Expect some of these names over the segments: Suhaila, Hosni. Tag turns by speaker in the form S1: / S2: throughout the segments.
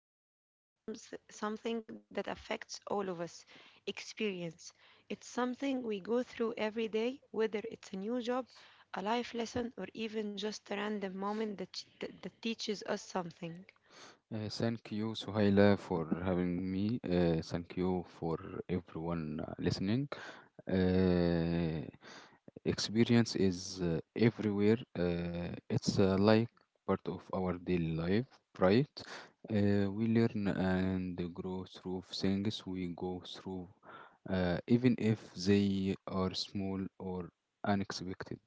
S1: diving into something that affects all of us, experience. It's something we go through every day, whether it's a new job, a life lesson, or even just a random moment that teaches us something.
S2: Thank you, Suhaila, for having me. Thank you for everyone listening. Uh, Experience is everywhere. It's like part of our daily life, right? We learn and grow through things we go through, even if they are small or unexpected.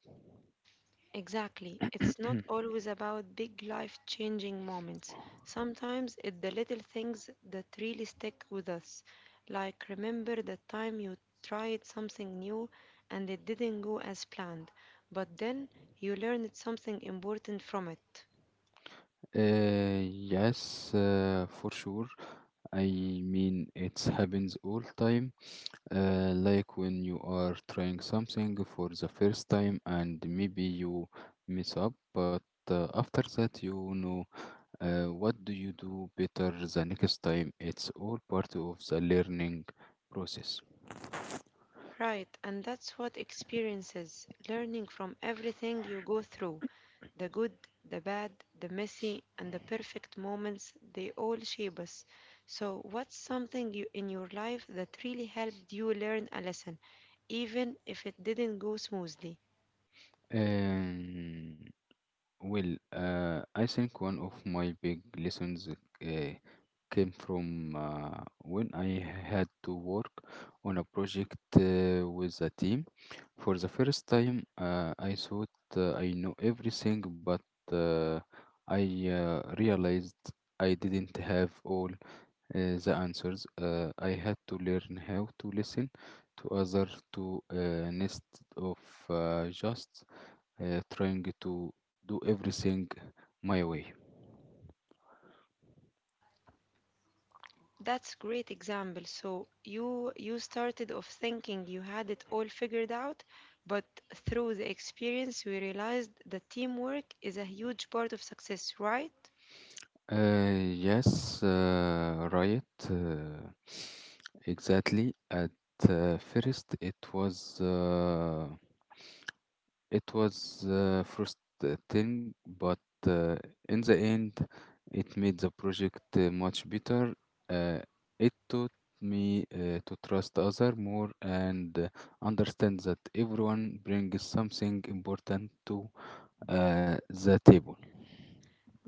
S1: Exactly. It's not always about big life changing moments. Sometimes it's the little things that really stick with us. Like remember the time you tried something new and it didn't go as planned, but then you learned something important from it.
S2: Yes, for sure. I mean, it happens all time. Like when you are trying something for the first time and maybe you mess up, but after that, you know, what do you do better the next time? It's all part of the learning process.
S1: Right, and that's what experiences, learning from everything you go through the good, the bad, the messy, and the perfect moments, they all shape us. So, what's something you, in your life that really helped you learn a lesson, even if it didn't go smoothly?
S2: Um, Well, I think one of my big lessons came from when I had to work on a project with a team. For the first time, I thought I know everything, but uh, I realized I didn't have all the answers. I had to learn how to listen to others to instead of just trying to do everything my way.
S1: That's great example. So you started off thinking you had it all figured out, but through the experience we realized that teamwork is a huge part of success, right?
S2: Yes, right. uh, exactly. At first, it was frustrating, but uh, in the end, it made the project much better. Uh, it taught me to trust other more and understand that everyone brings something important to the table.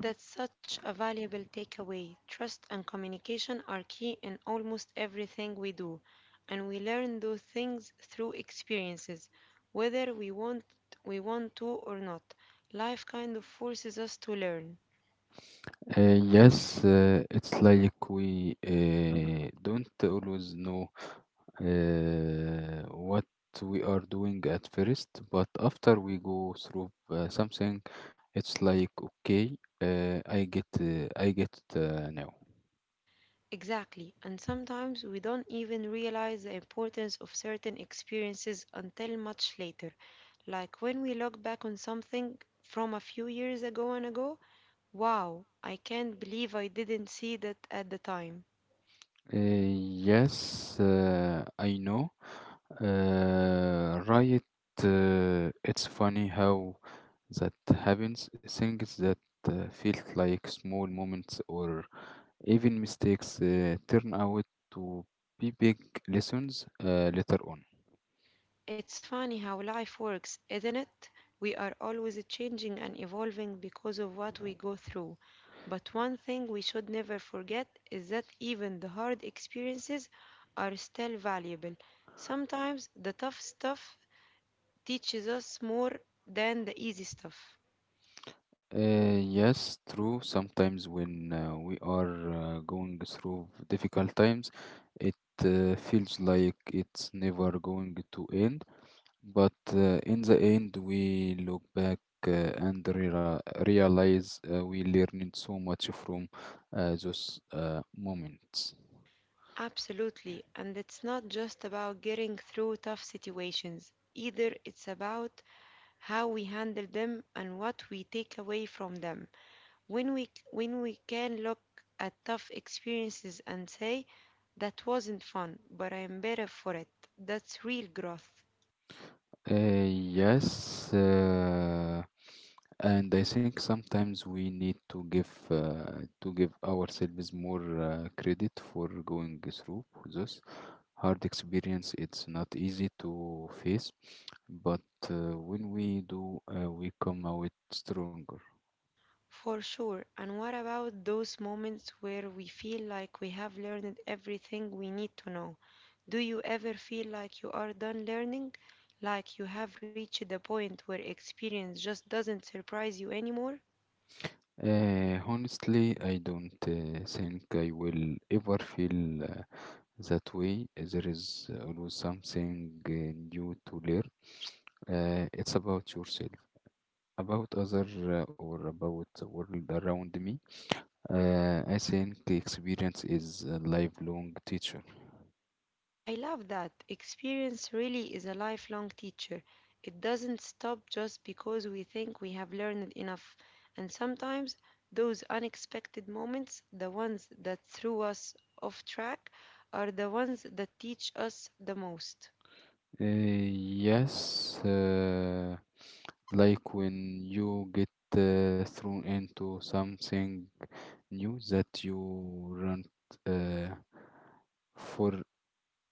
S1: That's such a valuable takeaway. Trust and communication are key in almost everything we do, and we learn those things through experiences, whether we want to or not. Life kind of forces us to learn.
S2: Yes, it's like we don't always know what we are doing at first, but after we go through something, it's like okay, I get it now.
S1: Exactly, and sometimes we don't even realize the importance of certain experiences until much later. Like when we look back on something from a few years ago, wow, I can't believe I didn't see that at the time.
S2: Yes, I know. Right, it's funny how that happens. Things that felt like small moments or even mistakes turn out to be big lessons later on.
S1: It's funny how life works, isn't it? We are always changing and evolving because of what we go through. But one thing we should never forget is that even the hard experiences are still valuable. Sometimes the tough stuff teaches us more than the easy stuff.
S2: Yes, true. Sometimes when we are going through difficult times, it feels like it's never going to end. But in the end, we look back uh, and realize we learned so much from those moments.
S1: Absolutely, and it's not just about getting through tough situations. Either it's about how we handle them and what we take away from them. When we can look at tough experiences and say that wasn't fun but I am better for it, that's real growth.
S2: Yes, and I think sometimes we need to give to give ourselves more credit for going through this hard experience. It's not easy to face, but when we do, we come out stronger.
S1: For sure, and what about those moments where we feel like we have learned everything we need to know? Do you ever feel like you are done learning, like you have reached the point where experience just doesn't surprise you anymore?
S2: Honestly, I don't think I will ever feel. That way, there is always something new to learn. It's about yourself, about other, or about the world around me. I think experience is a lifelong teacher.
S1: I love that. Experience really is a lifelong teacher. It doesn't stop just because we think we have learned enough. And sometimes those unexpected moments, the ones that threw us off track, are the ones that teach us the most.
S2: Yes, like when you get thrown into something new that you run uh, for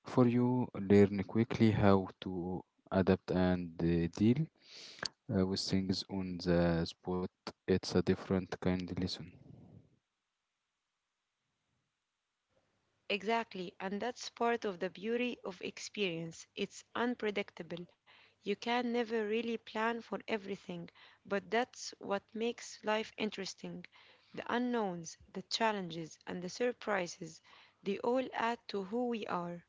S2: for you, learn quickly how to adapt and deal with things on the spot. It's a different kind of lesson.
S1: Exactly, and that's part of the beauty of experience. It's unpredictable. You can never really plan for everything, but that's what makes life interesting. The unknowns, the challenges, and the surprises, they all add to who we are.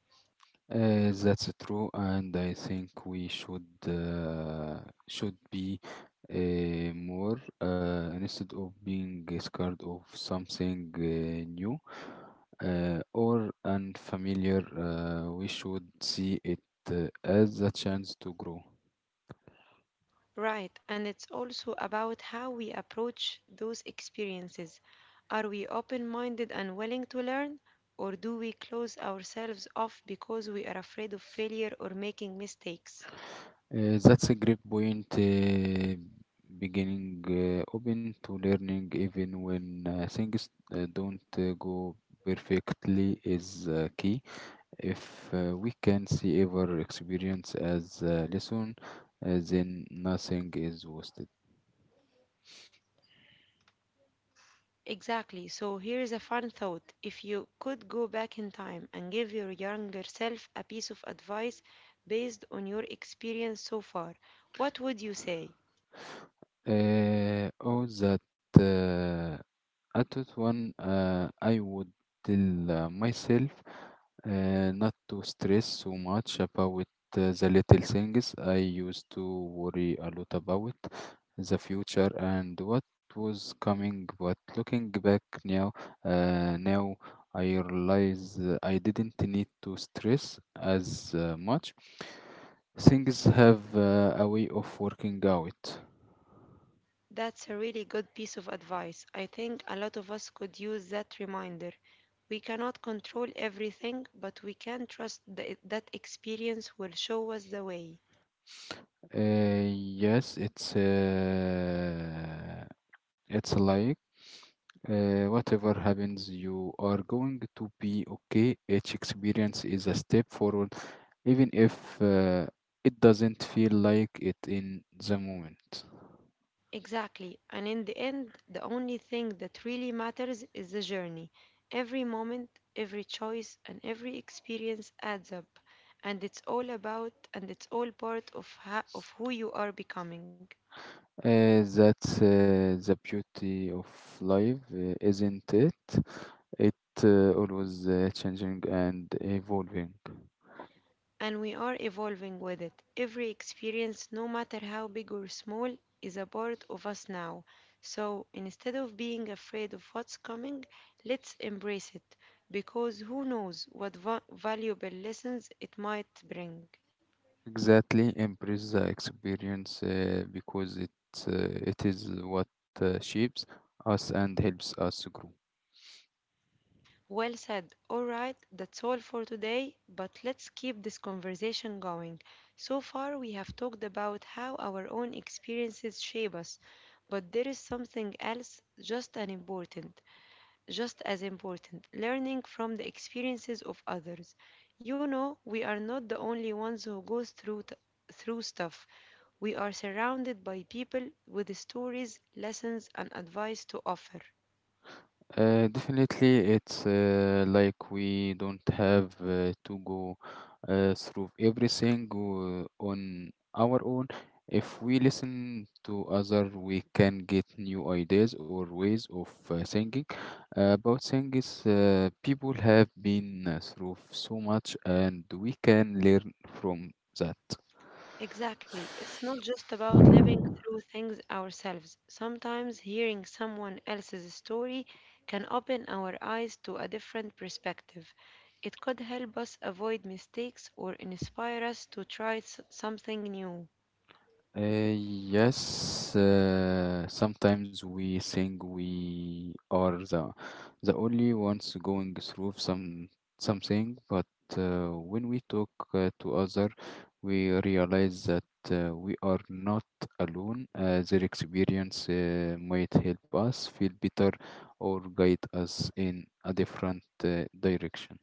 S2: That's true, and I think we should be more instead of being scared of something new or unfamiliar. We should see it as a chance to grow.
S1: Right, and it's also about how we approach those experiences. Are we open minded and willing to learn, or do we close ourselves off because we are afraid of failure or making mistakes?
S2: That's a great point. Beginning open to learning, even when things don't go perfectly, is key. If we can see our experience as a lesson, then nothing is wasted.
S1: Exactly. So here is a fun thought. If you could go back in time and give your younger self a piece of advice based on your experience so far, what would you say?
S2: All that. Uh, I thought one, I would tell myself not to stress so much about the little things I used to worry a lot about, the future and what was coming. But looking back now, now I realize I didn't need to stress as much. Things have a way of working out.
S1: That's a really good piece of advice. I think a lot of us could use that reminder. We cannot control everything, but we can trust that experience will show us the way.
S2: Yes, it's like whatever happens, you are going to be okay. Each experience is a step forward, even if it doesn't feel like it in the moment.
S1: Exactly. And in the end, the only thing that really matters is the journey. Every moment, every choice, and every experience adds up. And it's all part of, of who you are becoming.
S2: That's the beauty of life, isn't it? It always changing and evolving.
S1: And we are evolving with it. Every experience, no matter how big or small, is a part of us now. So instead of being afraid of what's coming, let's embrace it. Because who knows what valuable lessons it might bring.
S2: Exactly, embrace the experience because it is what shapes us and helps us grow.
S1: Well said. All right, that's all for today, but let's keep this conversation going. So far, we have talked about how our own experiences shape us, but there is something else just as important, learning from the experiences of others. You know, we are not the only ones who go through through stuff. We are surrounded by people with stories, lessons, and advice to offer.
S2: Definitely, it's like we don't have to go through everything on our own. If we listen to other, we can get new ideas or ways of thinking about things. People have been through so much, and we can learn from that.
S1: Exactly. It's not just about living through things ourselves. Sometimes hearing someone else's story can open our eyes to a different perspective. It could help us avoid mistakes or inspire us to try something new.
S2: Yes, sometimes we think we are the only ones going through something, but when we talk to other, we realize that we are not alone. Their experience might help us feel better or guide us in a different direction.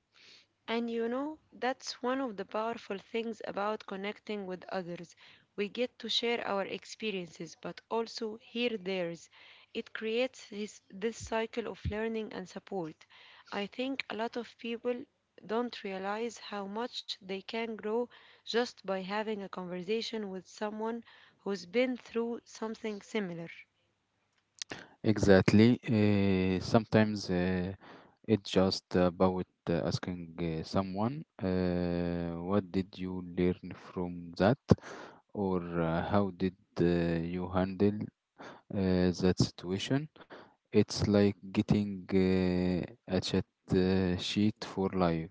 S1: And you know, that's one of the powerful things about connecting with others. We get to share our experiences, but also hear theirs. It creates this cycle of learning and support. I think a lot of people don't realize how much they can grow just by having a conversation with someone who's been through something similar.
S2: Exactly. Sometimes it's just about asking someone, what did you learn from that? Or how did you handle that situation? It's like getting a chat sheet for life.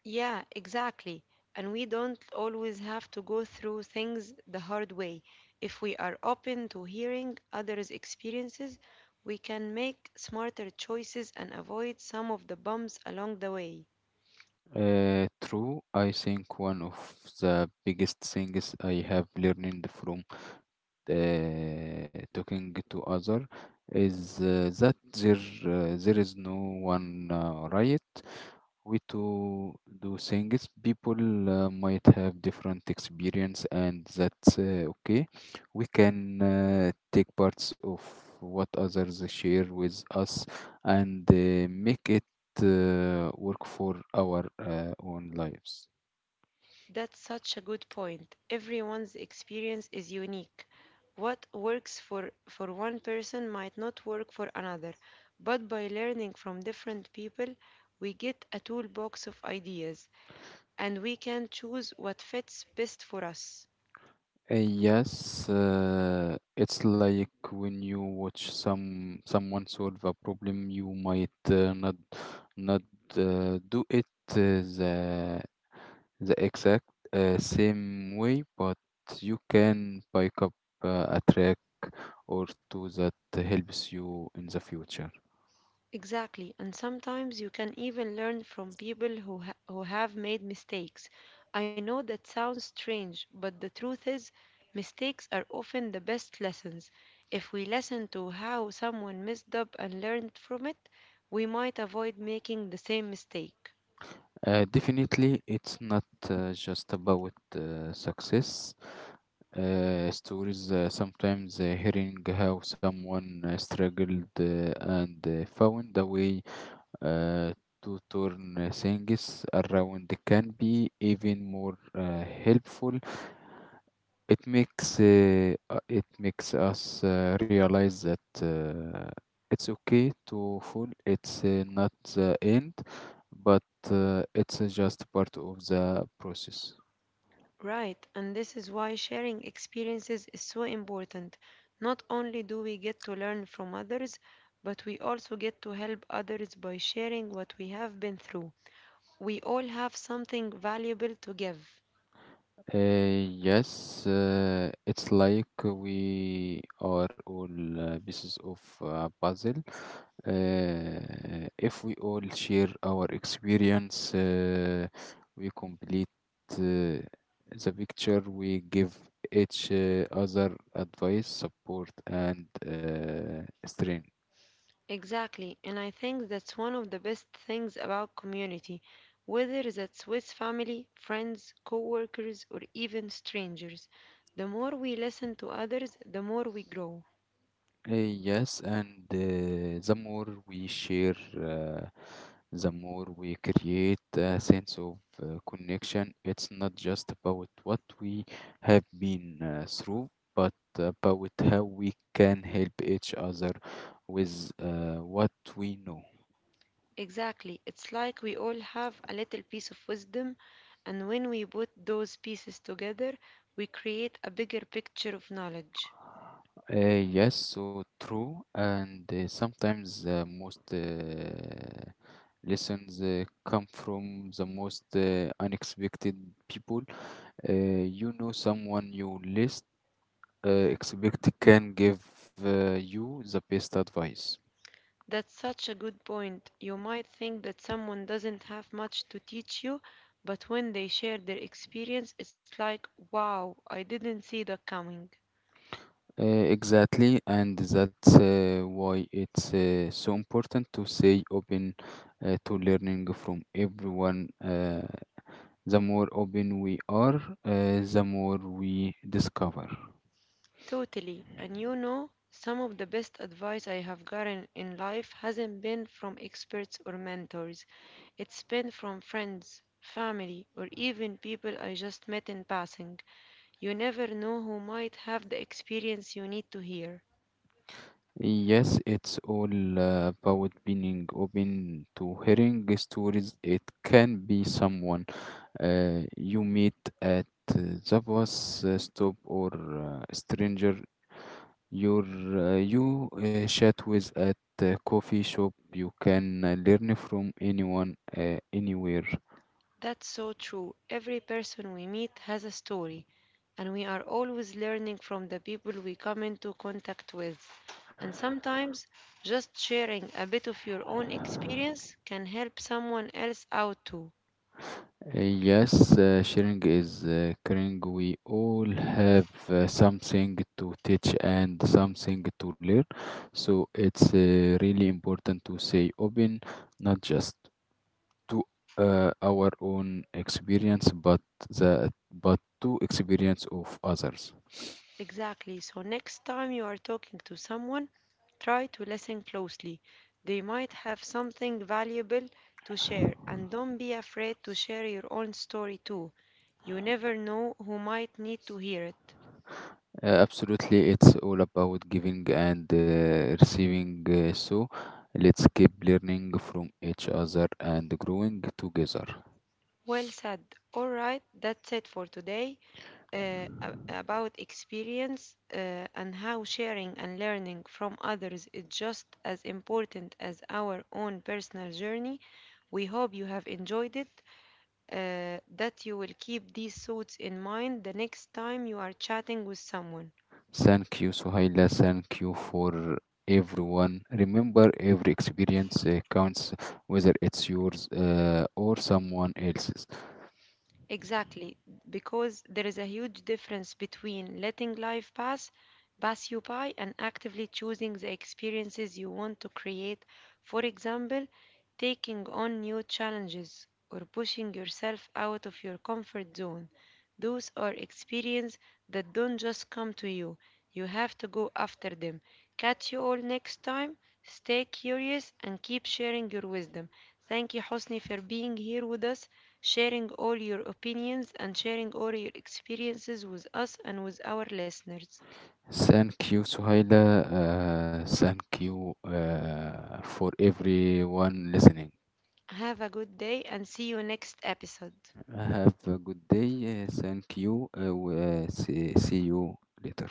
S1: Yeah, exactly. And we don't always have to go through things the hard way. If we are open to hearing others' experiences, we can make smarter choices and avoid some of the bumps along the way.
S2: True, I think one of the biggest things I have learned from talking to other is that there is no one right way to do things. People might have different experience, and that's okay. We can take parts of what others share with us and make it work for our own lives.
S1: That's such a good point. Everyone's experience is unique. What works for one person might not work for another, but by learning from different people, we get a toolbox of ideas, and we can choose what fits best for us.
S2: Yes, it's like when you watch someone solve a problem, you might not do it the the exact same way, but you can pick up a track or two that helps you in the future.
S1: Exactly, and sometimes you can even learn from people who have made mistakes. I know that sounds strange, but the truth is, mistakes are often the best lessons. If we listen to how someone messed up and learned from it, we might avoid making the same mistake.
S2: Definitely, it's not just about success. Stories, sometimes hearing how someone struggled and found a way uh, to turn things around can be even more helpful. It makes us realize that it's okay to fall. It's not the end, but it's just part of the process.
S1: Right, and this is why sharing experiences is so important. Not only do we get to learn from others, but we also get to help others by sharing what we have been through. We all have something valuable to give.
S2: Yes, it's like we are all pieces of a puzzle. If we all share our experience, we complete uh, the picture. We give each other advice, support, and strength.
S1: Exactly, and I think that's one of the best things about community, whether that's with family, friends, coworkers, or even strangers. The more we listen to others, the more we grow.
S2: Yes, and the more we share, the more we create a sense of connection. It's not just about what we have been through, but about how we can help each other with what we know.
S1: Exactly. It's like we all have a little piece of wisdom, and when we put those pieces together, we create a bigger picture of knowledge.
S2: Yes, so true, and sometimes most lessons come from the most unexpected people. You know, someone you least expect can give you the best advice.
S1: That's such a good point. You might think that someone doesn't have much to teach you, but when they share their experience, it's like, wow, I didn't see that coming.
S2: Uh, exactly, and that's why it's so important to stay open to learning from everyone. The more open we are, the more we discover.
S1: Totally. And you know, some of the best advice I have gotten in life hasn't been from experts or mentors. It's been from friends, family, or even people I just met in passing. You never know who might have the experience you need to hear.
S2: Yes, it's all about being open to hearing stories. It can be someone you meet at uh, the bus stop or stranger your you chat with at a coffee shop. You can learn from anyone anywhere.
S1: That's so true. Every person we meet has a story, and we are always learning from the people we come into contact with. And sometimes just sharing a bit of your own experience can help someone else out too.
S2: Yes, sharing is caring. We all have something to teach and something to learn, so it's really important to say open, not just to our own experience, but the but to experience of others.
S1: Exactly. So, next time you are talking to someone, try to listen closely. They might have something valuable to share, and don't be afraid to share your own story too. You never know who might need to hear it.
S2: Absolutely, it's all about giving and receiving, so let's keep learning from each other and growing together.
S1: Well said. All right, that's it for today, about experience and how sharing and learning from others is just as important as our own personal journey. We hope you have enjoyed it, that you will keep these thoughts in mind the next time you are chatting with someone.
S2: Thank you, Suhaila. Thank you for everyone. Remember, every experience counts, whether it's yours or someone else's.
S1: Exactly, because there is a huge difference between letting life pass you by and actively choosing the experiences you want to create. For example, taking on new challenges or pushing yourself out of your comfort zone. Those are experiences that don't just come to you. You have to go after them. Catch you all next time. Stay curious and keep sharing your wisdom. Thank you, Hosni, for being here with us sharing all your opinions and sharing all your experiences with us and with our listeners.
S2: Thank you, Suhaila. Thank you for everyone listening.
S1: Have a good day and see you next episode.
S2: Have a good day. Thank you. See you later.